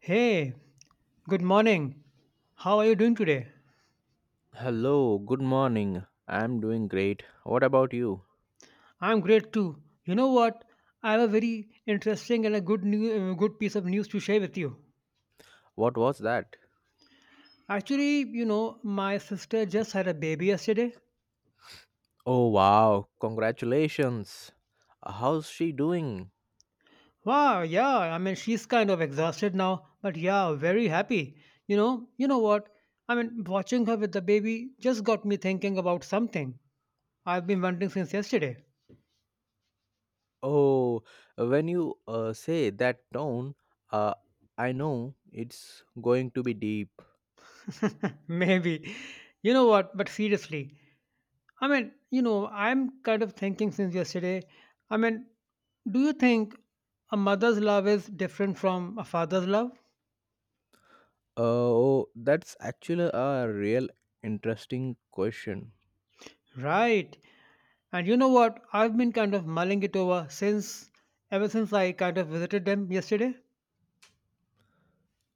Hey, good morning. How are you doing today? Hello, good morning. I'm doing great. What about you? I'm great too. You know what? I have a very interesting and a good piece of news to share with you. What was that? Actually, you know, my sister just had a baby yesterday. Oh, wow. Congratulations. How's she doing? Wow, yeah. I mean, she's kind of exhausted now, but yeah, very happy. You know what? I mean, watching her with the baby just got me thinking about something I've been wondering since yesterday. Oh, when you say that tone, uh, I know it's going to be deep. Maybe. You know what? But seriously, I mean, you know, I'm kind of thinking since yesterday. I mean, do you think a mother's love is different from a father's love? Oh, that's actually a real interesting question. Right. And you know what? I've been kind of mulling it over since Ever since I kind of visited them yesterday.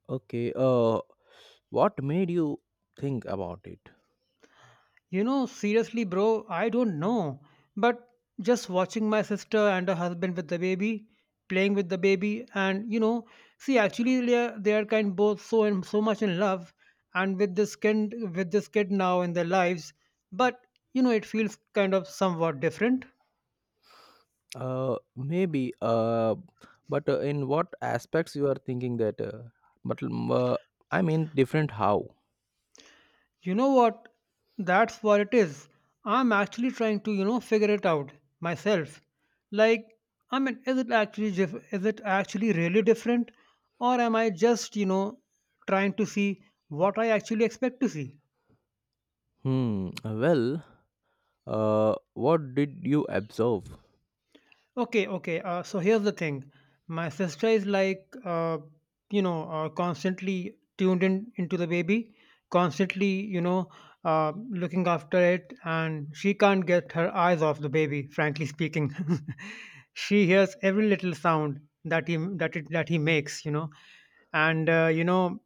Okay, what made you think about it? You know, seriously, bro, I don't know. But just watching my sister and her husband with the baby, playing with the baby, and you know, see, actually, they are kind both so and so much in love, and with this kid now in their lives. But you know, it feels kind of somewhat different. Maybe. But in what aspects you are thinking that? But I mean, different how? You know what? That's what it is. I'm actually trying to, you know, figure it out myself. Like, I mean, is it actually really different, or am I just, you know, trying to see what I actually expect to see? Hmm. Well, what did you observe? Okay, okay. So here's the thing. My sister is like, you know, constantly tuned in into the baby, constantly, you know, looking after it, and she can't get her eyes off the baby. Frankly speaking, she hears every little sound that he makes, you know, and you know,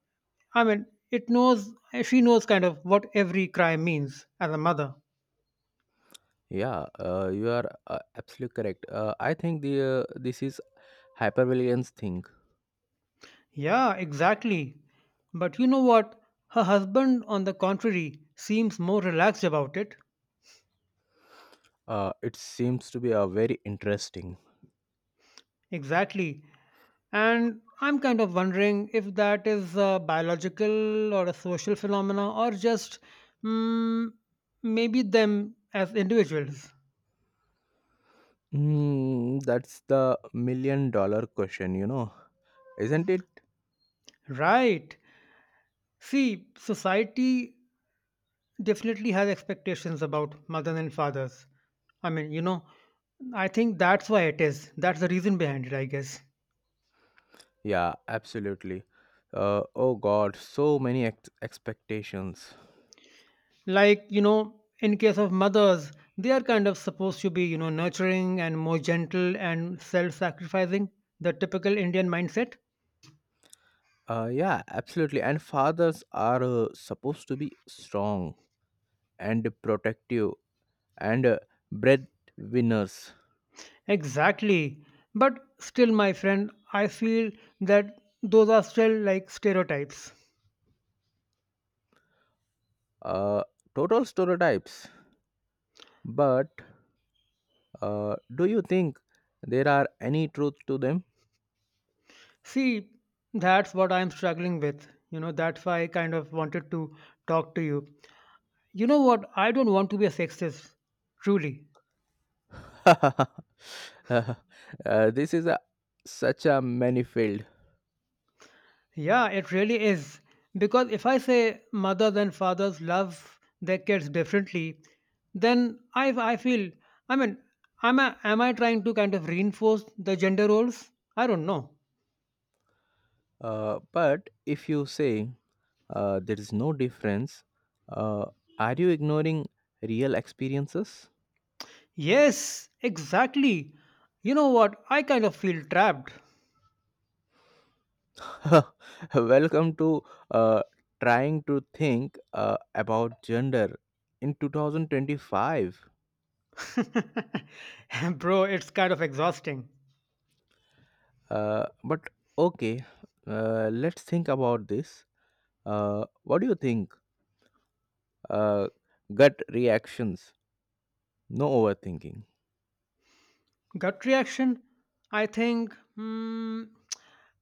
I mean, it knows she knows kind of what every cry means as a mother. Yeah, you are absolutely correct. I think the this is hypervigilance thing. Yeah, exactly. But you know what? Her husband, on the contrary, seems more relaxed about it. It seems to be a very interesting. Exactly. And I'm kind of wondering if that is a biological or a social phenomena or just mm, maybe them as individuals. Hmm. That's the million dollar question. You know, isn't it? Right. See, society definitely has expectations about mothers and fathers. I mean, you know, I think that's why it is. That's the reason behind it, I guess. Yeah, absolutely. Oh God, so many expectations. Like, you know, in case of mothers, they are kind of supposed to be, you know, nurturing and more gentle and self-sacrificing, the typical Indian mindset. Yeah, absolutely. And fathers are supposed to be strong and protective and breadwinners. Exactly, but still, my friend, I feel that those are still like stereotypes. Uh, Total stereotypes. But do you think there are any truth to them? See, that's what I'm struggling with, you know. That's why I kind of wanted to talk to you. You know what? I don't want to be a sexist, truly. This is such a manifold. Yeah, it really is. Because if I say mothers and fathers love their kids differently, then I feel, I mean, am I trying to kind of reinforce the gender roles? I don't know. But if you say there is no difference, uh, are you ignoring real experiences? Yes, exactly. You know what? I kind of feel trapped. Welcome to uh, trying to think about gender in 2025. Bro, it's kind of exhausting. But okay, let's think about this. What do you think? Uh, Gut reactions, no overthinking. Gut reaction, I think, hmm,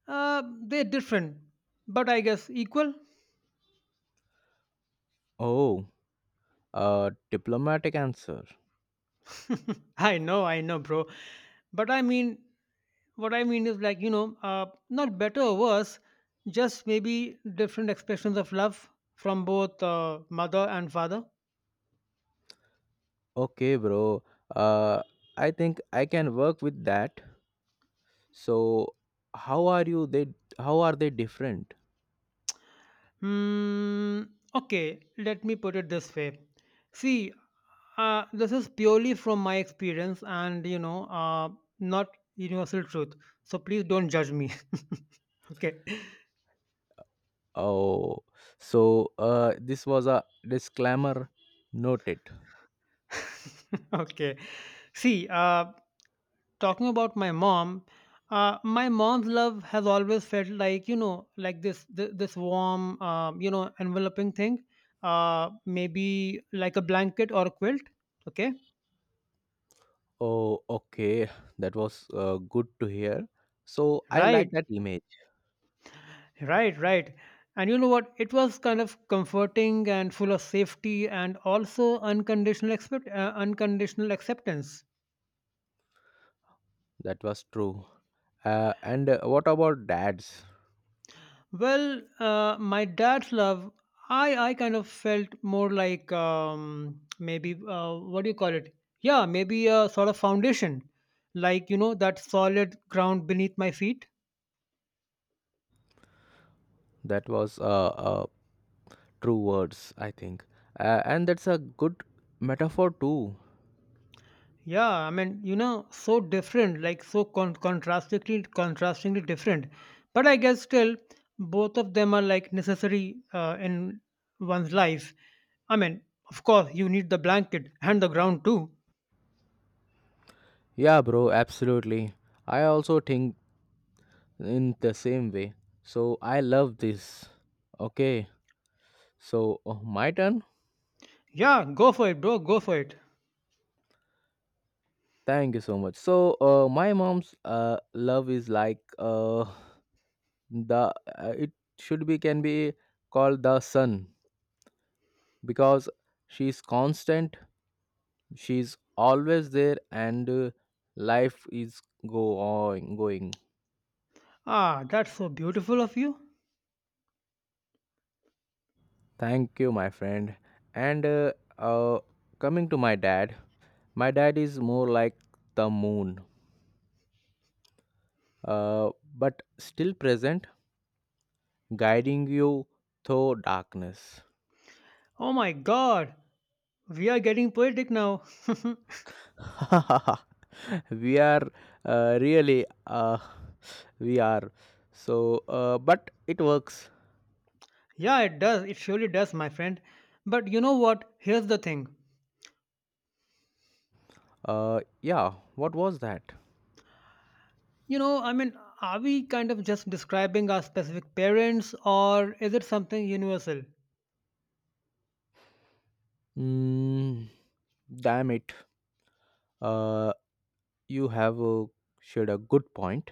they're different, but I guess equal. Oh, a diplomatic answer. I know, bro. But I mean, what I mean is like, you know, not better or worse, just maybe different expressions of love from both mother and father. Okay, bro. Uh, I think I can work with that. So, how are you? They how are they different? Hmm, okay, let me put it this way. See, this is purely from my experience and, you know, not universal truth. So please don't judge me. Okay. Oh, so this was a disclaimer noted. Okay. See, talking about my mom, my mom's love has always felt like, you know, like this warm, you know, enveloping thing, uh, maybe like a blanket or a quilt, okay? Oh, okay, that was good to hear. So I like right that image. right right And you know what? It was kind of comforting and full of safety and also unconditional acceptance. That was true. And what about dads? Well, my dad's love, I kind of felt more like, maybe, what do you call it? Yeah, maybe a sort of foundation, like, you know, that solid ground beneath my feet. That was true words, I think. And that's a good metaphor too. Yeah, I mean, you know, so different, like so contrastingly different, but I guess still both of them are like necessary in one's life. I mean, of course you need the blanket and the ground too. Yeah, bro, absolutely. I also think in the same way. So I love this. Okay, so my turn. Yeah, go for it, bro. Go for it. Thank you so much. So my mom's love is like the it should be can be called the sun because she's constant. She's always there, and life is go on going. Ah, that's so beautiful of you. Thank you, my friend. And coming to my dad. My dad is more like the moon, uh, but still present, guiding you through darkness. Oh my god, we are getting poetic now. We are really, we are. So, but it works. Yeah, it does. It surely does, my friend. But you know what? Here's the thing. Yeah, what was that? You know, I mean, are we kind of just describing our specific parents or is it something universal? Mm, damn it. Uh, you have shared a good point.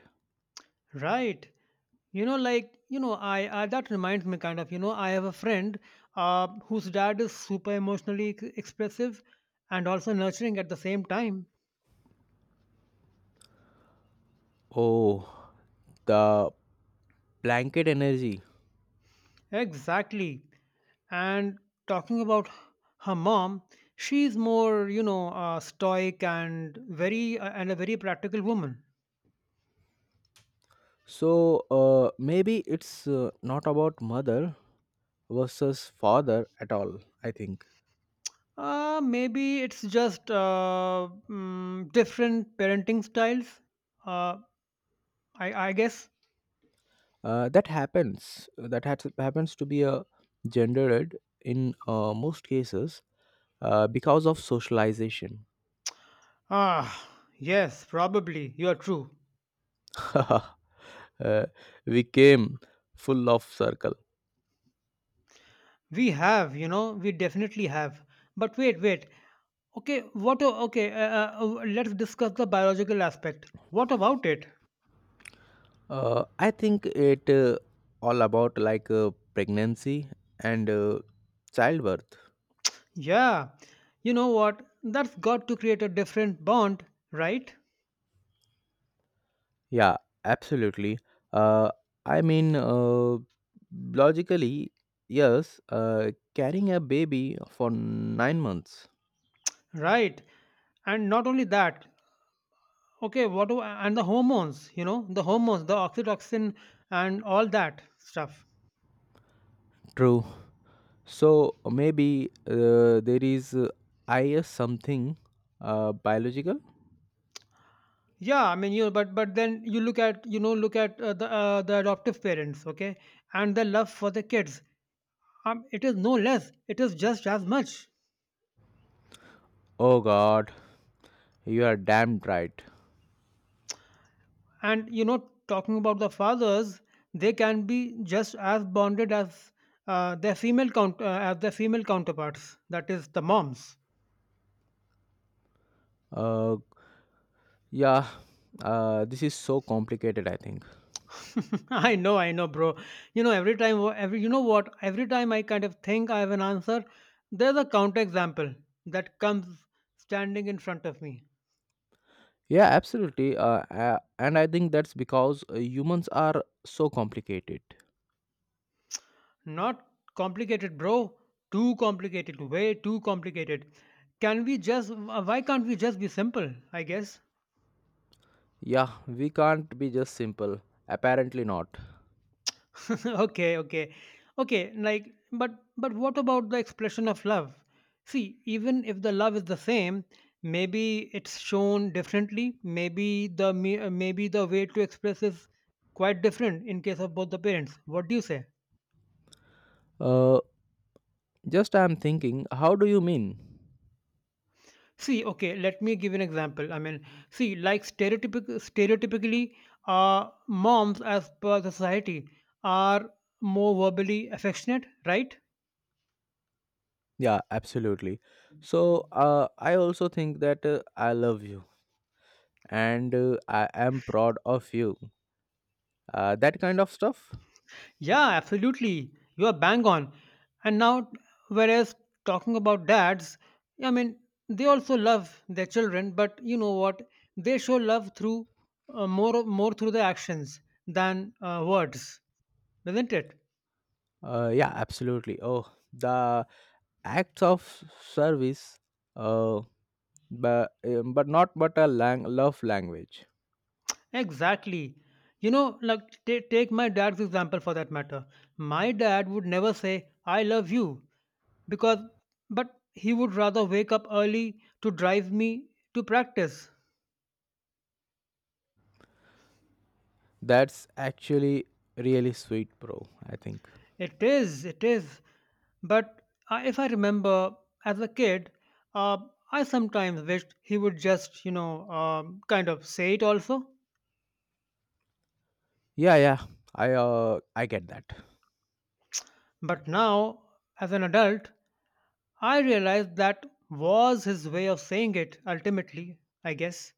Right. You know, like, you know, I that reminds me kind of, you know, I have a friend whose dad is super expressive and also nurturing at the same time. Oh, the blanket energy. Exactly. And talking about her mom, she's more, you know, stoic and very and a very practical woman. So, maybe it's not about mother versus father at all, I think. Maybe it's just different parenting styles. Uh, I guess. That happens to be a gendered in most cases, because of socialization. Ah, yes, probably. You're true. Uh, we came full of circle. We have, you know, we definitely have. But wait, wait. Okay, what? Okay, let's discuss the biological aspect. What about it? I think it all about like pregnancy and childbirth. Yeah, you know what? That's got to create a different bond, right? Yeah, absolutely. Uh, I mean, logically, yes, carrying a baby for 9 months. Right. And not only that, okay, and the hormones, you know, the hormones, the oxytocin and all that stuff. True. So maybe there is something biological. Yeah, I mean, you but then you look at, you know, look at the adoptive parents, okay, and the love for the kids. It is no less. It is just as much. Oh God, you are damned right. And you know, talking about the fathers, they can be just as bonded as their female count as their female counterparts, that is, the moms. Uh, yeah, this is so complicated, I think. I know, I know, bro. You know, every time every you know what, every time I kind of think I have an answer, there's a counter example that comes standing in front of me. Yeah, absolutely. And I think that's because humans are so complicated. Not complicated, bro. Too complicated, way too complicated. Can we just, why can't we just be simple, I guess? Yeah, we can't be just simple. Apparently not. Okay, okay, okay. Like, but what about the expression of love? See, even if the love is the same, maybe it's shown differently. Maybe maybe the way to express is quite different in case of both the parents. What do you say? Uh, just I'm thinking, how do you mean? See, okay, let me give an example. I mean, see, like stereotypically, moms, as per the society, are more verbally affectionate, right? Yeah, absolutely. So, I also think that I love you and I am proud of you. That kind of stuff. Yeah, absolutely. You are bang on. And now, whereas talking about dads, I mean, they also love their children, but you know what? They show love through more through the actions than words, isn't it? Yeah, absolutely. Oh, the acts of service. Uh, but not but a love language. Exactly. You know, like ta take my dad's example for that matter. My dad would never say "I love you" because, but he would rather wake up early to drive me to practice. That's actually really sweet, bro. I think. It is, it is. But if I remember as a kid, uh, I sometimes wished he would just, you know, kind of say it also. Yeah, yeah. I get that. But now, as an adult, I realized that was his way of saying it ultimately, I guess.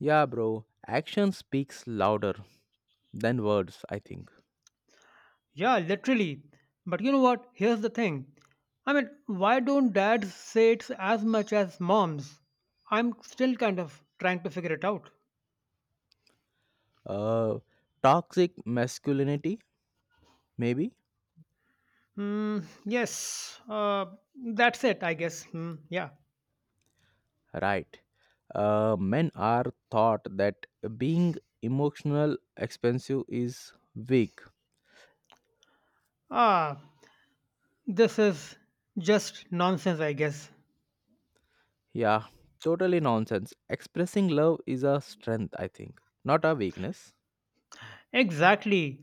Yeah, bro. Action speaks louder than words, I think. Yeah, literally. But you know what? Here's the thing. I mean, why don't dads say it as much as moms? I'm still kind of trying to figure it out. Uh, Toxic masculinity, maybe? Mm, yes, that's it, I guess. Hmm, yeah. Right. Men are taught that being emotional expensive is weak. Ah, this is just nonsense, I guess. Yeah, totally nonsense. Expressing love is a strength, I think, not a weakness. Exactly.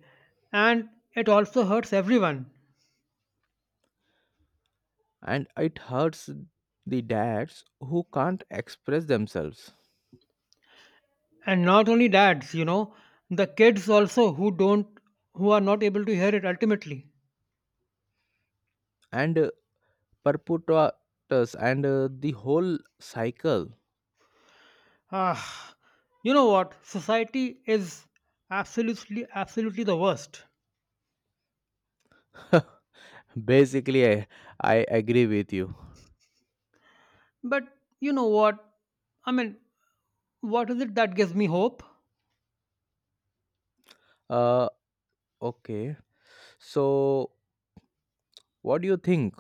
And it also hurts everyone. And it hurts the dads who can't express themselves. And not only dads, you know, the kids also who are not able to hear it ultimately. And perpetuates and the whole cycle. Ah, you know what? Society is absolutely, absolutely the worst. Basically, I agree with you. But you know what? I mean, what is it that gives me hope? Uh, okay. So, what do you think?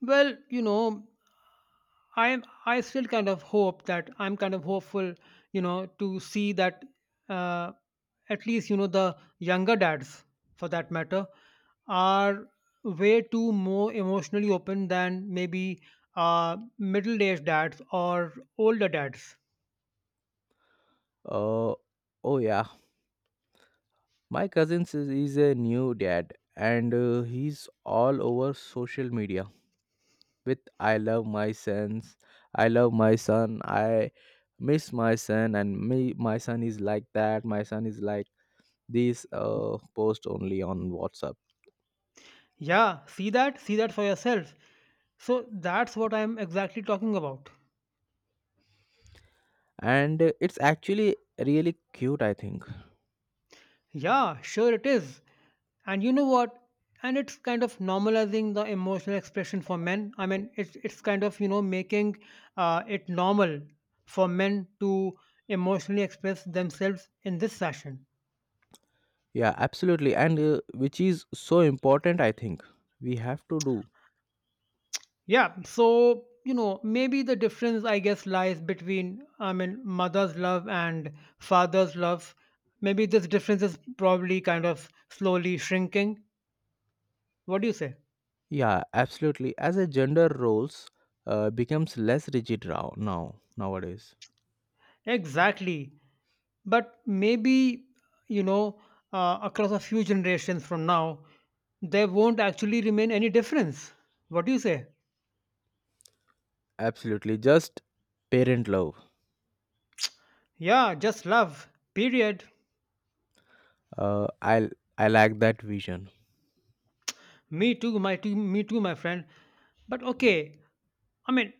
Well, you know, I still kind of hope that I'm kind of hopeful, you know, to see that uh, at least, you know, the younger dads, for that matter, are way too more emotionally open than maybe middle-aged dads or older dads. Uh, oh yeah, my cousin is a new dad, and he's all over social media with "I love my sons," "I love my son," "I miss my son," and me, my son is like that. My son is like this. Post only on WhatsApp, Yeah, see that for yourself. So that's what I'm exactly talking about. and it's actually really cute, I think. Yeah, sure it is. And you know what? And it's kind of normalizing the emotional expression for men. I mean, it's kind of, you know, making it normal for men to emotionally express themselves in this fashion. Yeah, absolutely. And which is so important, I think we have to do. Yeah. So you know, maybe the difference, I guess, lies between, I mean, mother's love and father's love. Maybe this difference is probably kind of slowly shrinking. What do you say? Yeah, absolutely. As a gender roles becomes less rigid nowadays. Exactly. But maybe you know across a few generations from now there won't actually remain any difference. What do you say? Absolutely, just parent love. Yeah, just love, period. Uh, I I like that vision. Me too, my too me too, my friend. But okay, I mean,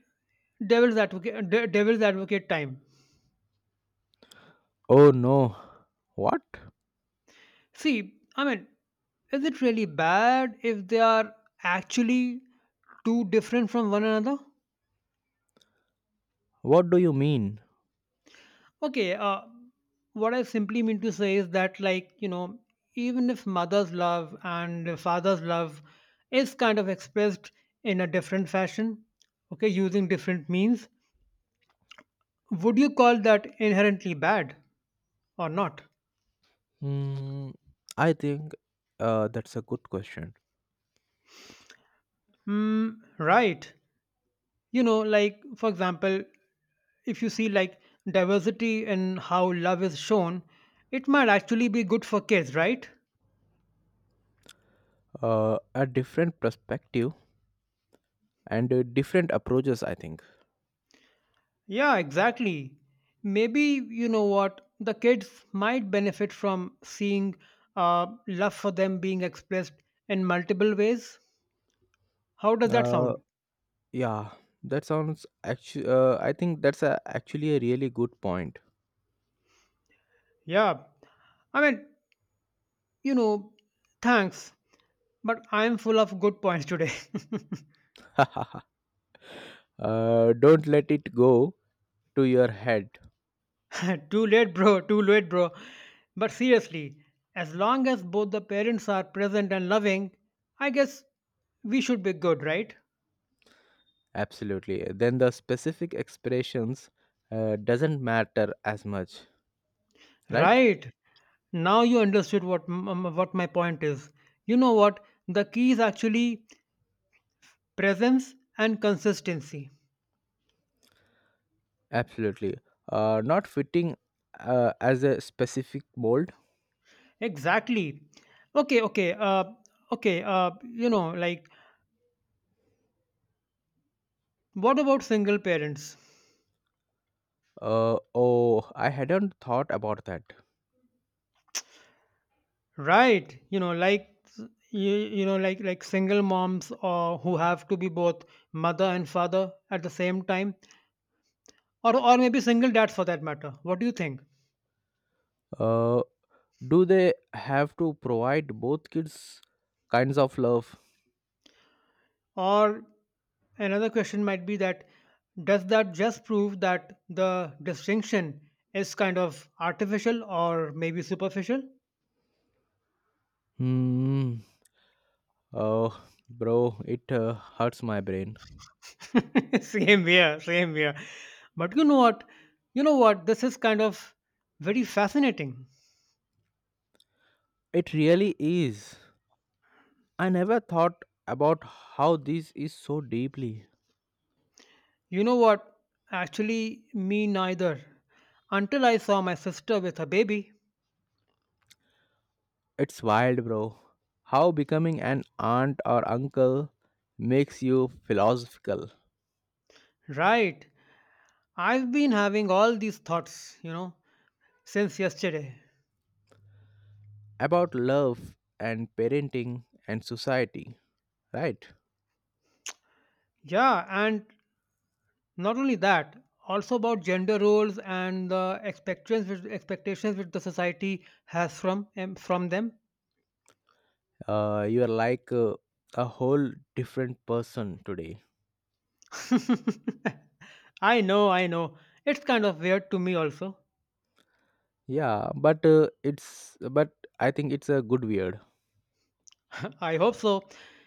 devil's advocate, devil's advocate time. Oh no, what? See, I mean, is it really bad if they are actually too different from one another? What do you mean? Okay, what I simply mean to say is that, even if mother's love and father's love is kind of expressed in a different fashion, okay, using different means, would you call that inherently bad or not? Hmm, I think that's a good question. Mm, right. You know, like, for example, if you see like diversity in how love is shown, it might actually be good for kids, right? A different perspective and different approaches, I think. Yeah, exactly. Maybe, you know what, the kids might benefit from seeing love for them being expressed in multiple ways. How does that Uh, sound? Yeah, that sounds actually. I think actually a really good point. Yeah. I mean, you know, thanks, but I'm full of good points today. uh, don't let it go to your head. Too late, bro. Too late, bro. But seriously, as long as both the parents are present and loving, I guess we should be good, right? Absolutely. Then the specific expressions doesn't matter as much, right? Right. Now you understood what my point is. You know what? The key is actually presence and consistency. Absolutely. Not fitting as a specific mold. Exactly. Okay, okay. Okay, you know, like, what about single parents? Oh, I hadn't thought about that. Right. You, you know, like single moms, or who have to be both mother and father at the same time, or maybe single dads for that matter. What do you think? Uh, do they have to provide both kids kinds of love? Or another question might be that, does that just prove that the distinction is kind of artificial or maybe superficial? Hmm. Oh, bro, it hurts my brain. Same here, same here. But you know what? You know what? This is kind of very fascinating. It really is. I never thought about how this is so deeply. You know what? Actually, me neither. Until I saw my sister with her baby. It's wild, bro. How becoming an aunt or uncle makes you philosophical Right. I've been having all these thoughts, since yesterday. about love and parenting and society, right? Yeah, and not only that, also about gender roles and the expectations which the society has from them. You are like a whole different person today. I know, I know. It's kind of weird to me also. Yeah, but I think it's a good weird. I hope so.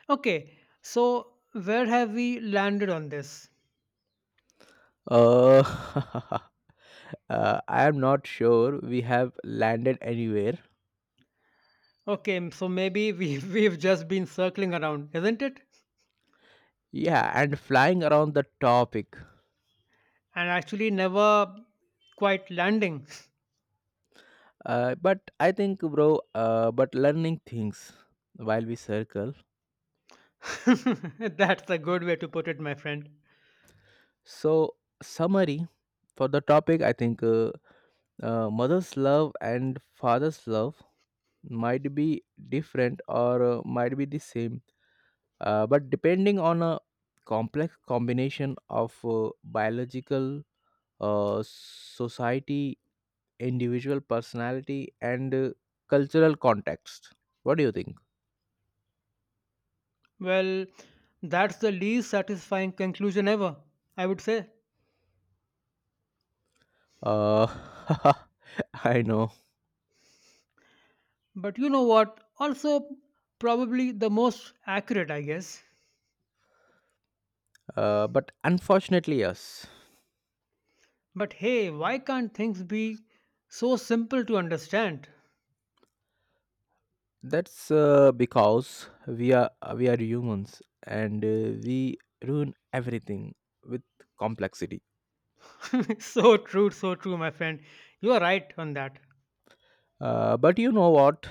Okay, so where have we landed on this? Uh, I am not sure we have landed anywhere. Okay, so maybe we we've just been circling around, isn't it? Yeah, and flying around the topic. And actually never quite landing. But I think, bro, but learning things while we circle. That's a good way to put it, my friend. So, summary for the topic, I think mother's love and father's love might be different or might be the same, but depending on a complex combination of biological, society, individual personality and cultural context. What do you think? Well, that's the least satisfying conclusion ever, I would say. Uh, I know, But you know what? Also, probably the most accurate, I guess. But unfortunately, yes. But hey, why can't things be so simple to understand? That's because we are humans, and we ruin everything with complexity. So true, so true, my friend. You are right on that. But you know what?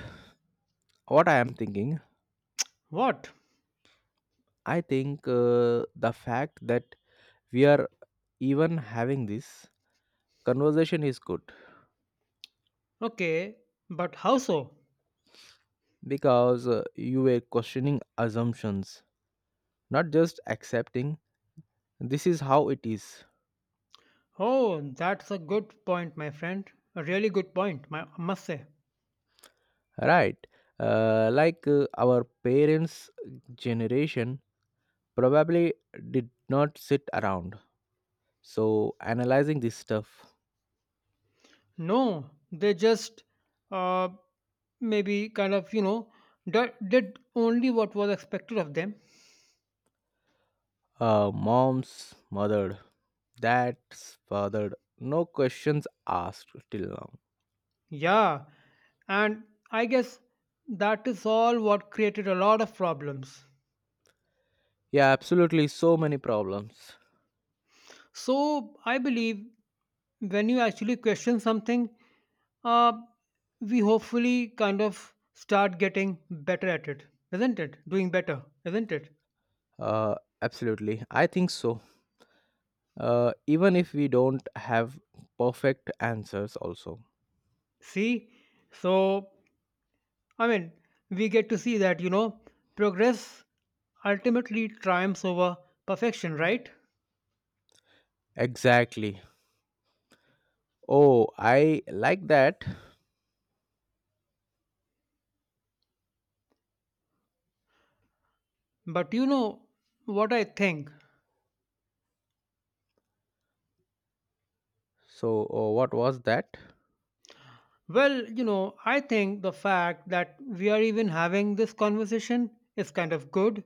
What I am thinking? What? I think the fact that we are even having this conversation is good, Okay, but how so? because you were questioning assumptions, not just accepting this is how it is. Oh, that's a good point, my friend. A really good point, I must say. Right. Like our parents generation probably did not sit around so analyzing this stuff. No, they just uh, maybe kind of, did only what was expected of them. Moms mothered, dad's fathered, no questions asked till now. Yeah, and I guess that is all what created a lot of problems. Yeah, absolutely, so many problems. So I believe when you actually question something, uh, we hopefully kind of start getting better at it, isn't it? Doing better, isn't it? uh, Absolutely, I think so, even if we don't have perfect answers also. See, so I mean, we get to see that, progress ultimately triumphs over perfection, right? Exactly. Oh, I like that. But you know what I think? So, what was that? Well, you know, I think the fact that we are even having this conversation is kind of good.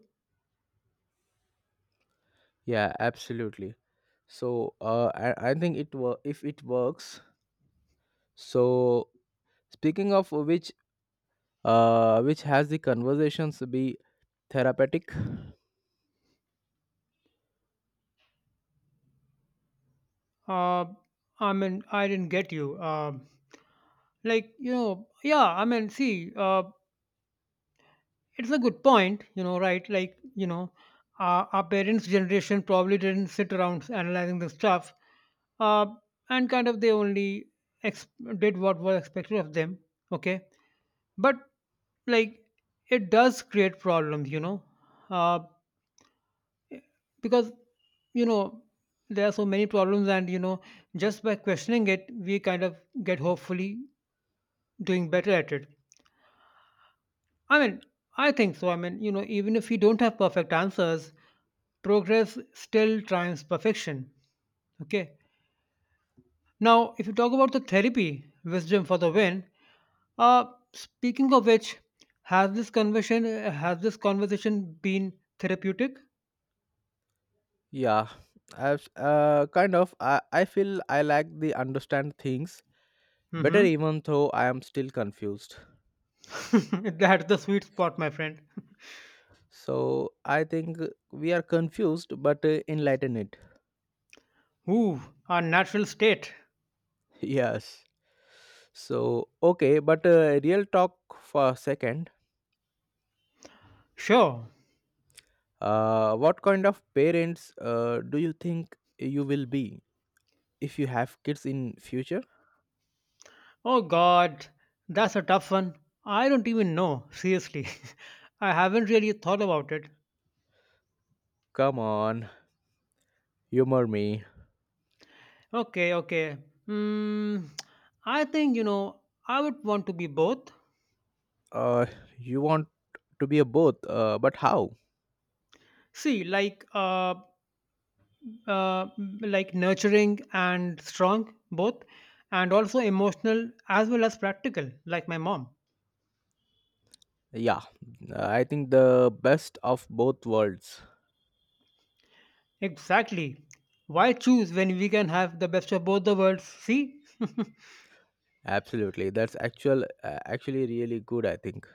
Yeah, absolutely. So, I think if it works. So, speaking of which has the conversations be therapeutic? Uh, I mean, I didn't get you. Like, yeah, I mean, see, it's a good point, right, our parents generation probably didn't sit around analyzing the stuff, uh, and kind of they only ex- did what was expected of them. Okay, but like, it does create problems, uh, because, you know there are so many problems, and just by questioning it we kind of get, hopefully, doing better at it. I mean, I think so. I mean, even if we don't have perfect answers, progress still triumphs perfection. Okay. Now, if you talk about the therapy, wisdom for the win. Uh, speaking of which, has this conversation been therapeutic? Yeah, I've, kind of. I feel I like the understand things better, Mm-hmm. even though I am still confused. That's the sweet spot, my friend. So, I think we are confused, but enlightened. Ooh, our natural state. Yes. So, okay, but real talk for a second. Sure. What kind of parents do you think you will be if you have kids in future? Oh God, that's a tough one. I don't even know. Seriously, I haven't really thought about it. Come on, humor me. Okay, okay. Mm, I think I would want to be both. Uh, you want to be a both, but how? See, uh, like nurturing and strong both, and also emotional as well as practical, like my mom. Yeah, I think the best of both worlds. Exactly. Why choose when we can have the best of both the worlds? See, Absolutely, that's actually really good, I think.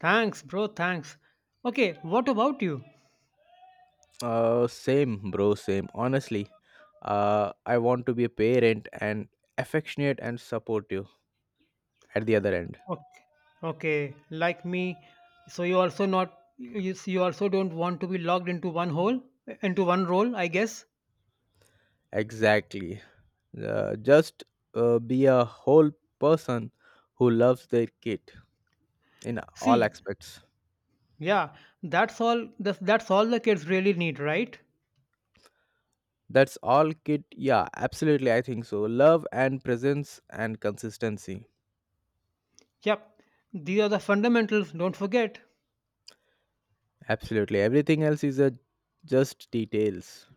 thanks, bro. Thanks. Okay, what about you? Same, bro, same. Honestly, I want to be a parent and affectionate and supportive at the other end. Okay, okay, like me. So you also, not you s- you also don't want to be locked into one hole into one role, I guess. Exactly. Just be a whole person who loves their kid in all See, aspects. yeah, that's all. That's all the kids really need, right? That's all, kid. Yeah, absolutely. I think so. Love and presence and consistency. Yep, these are the fundamentals. Don't forget. Absolutely. Everything else is a just details.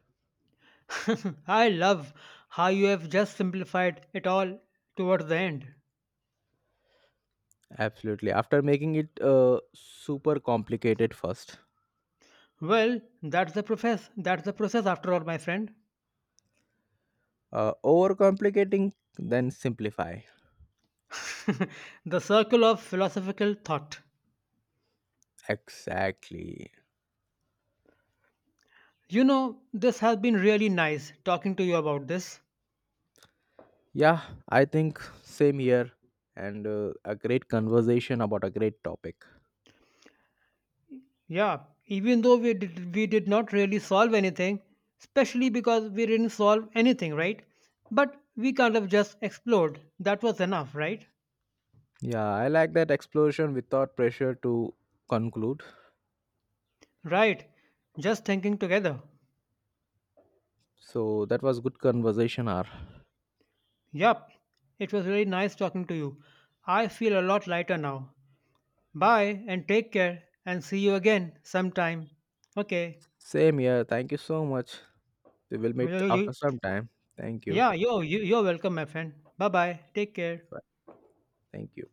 I love how you have just simplified it all towards the end. Absolutely. After making it super complicated first. Well, that's the process. That's the process, after all, my friend. Overcomplicating, then simplify. The circle of philosophical thought. Exactly. You know, this has been really nice talking to you about this. Yeah, I think same here. And a great conversation about a great topic. Yeah, even though we did not really solve anything, especially because we didn't solve anything, right? But we kind of just explored. That was enough, right? Yeah, I like that explosion without pressure to conclude. Right. Just thinking together. So that was good conversation hour. Yup. It was really nice talking to you. I feel a lot lighter now. Bye and take care and see you again sometime. Okay. Same here, thank you so much. We will meet Well, you- after some time. Thank you. Yeah, you're welcome, my friend. Bye bye. Take care. Bye. Thank you.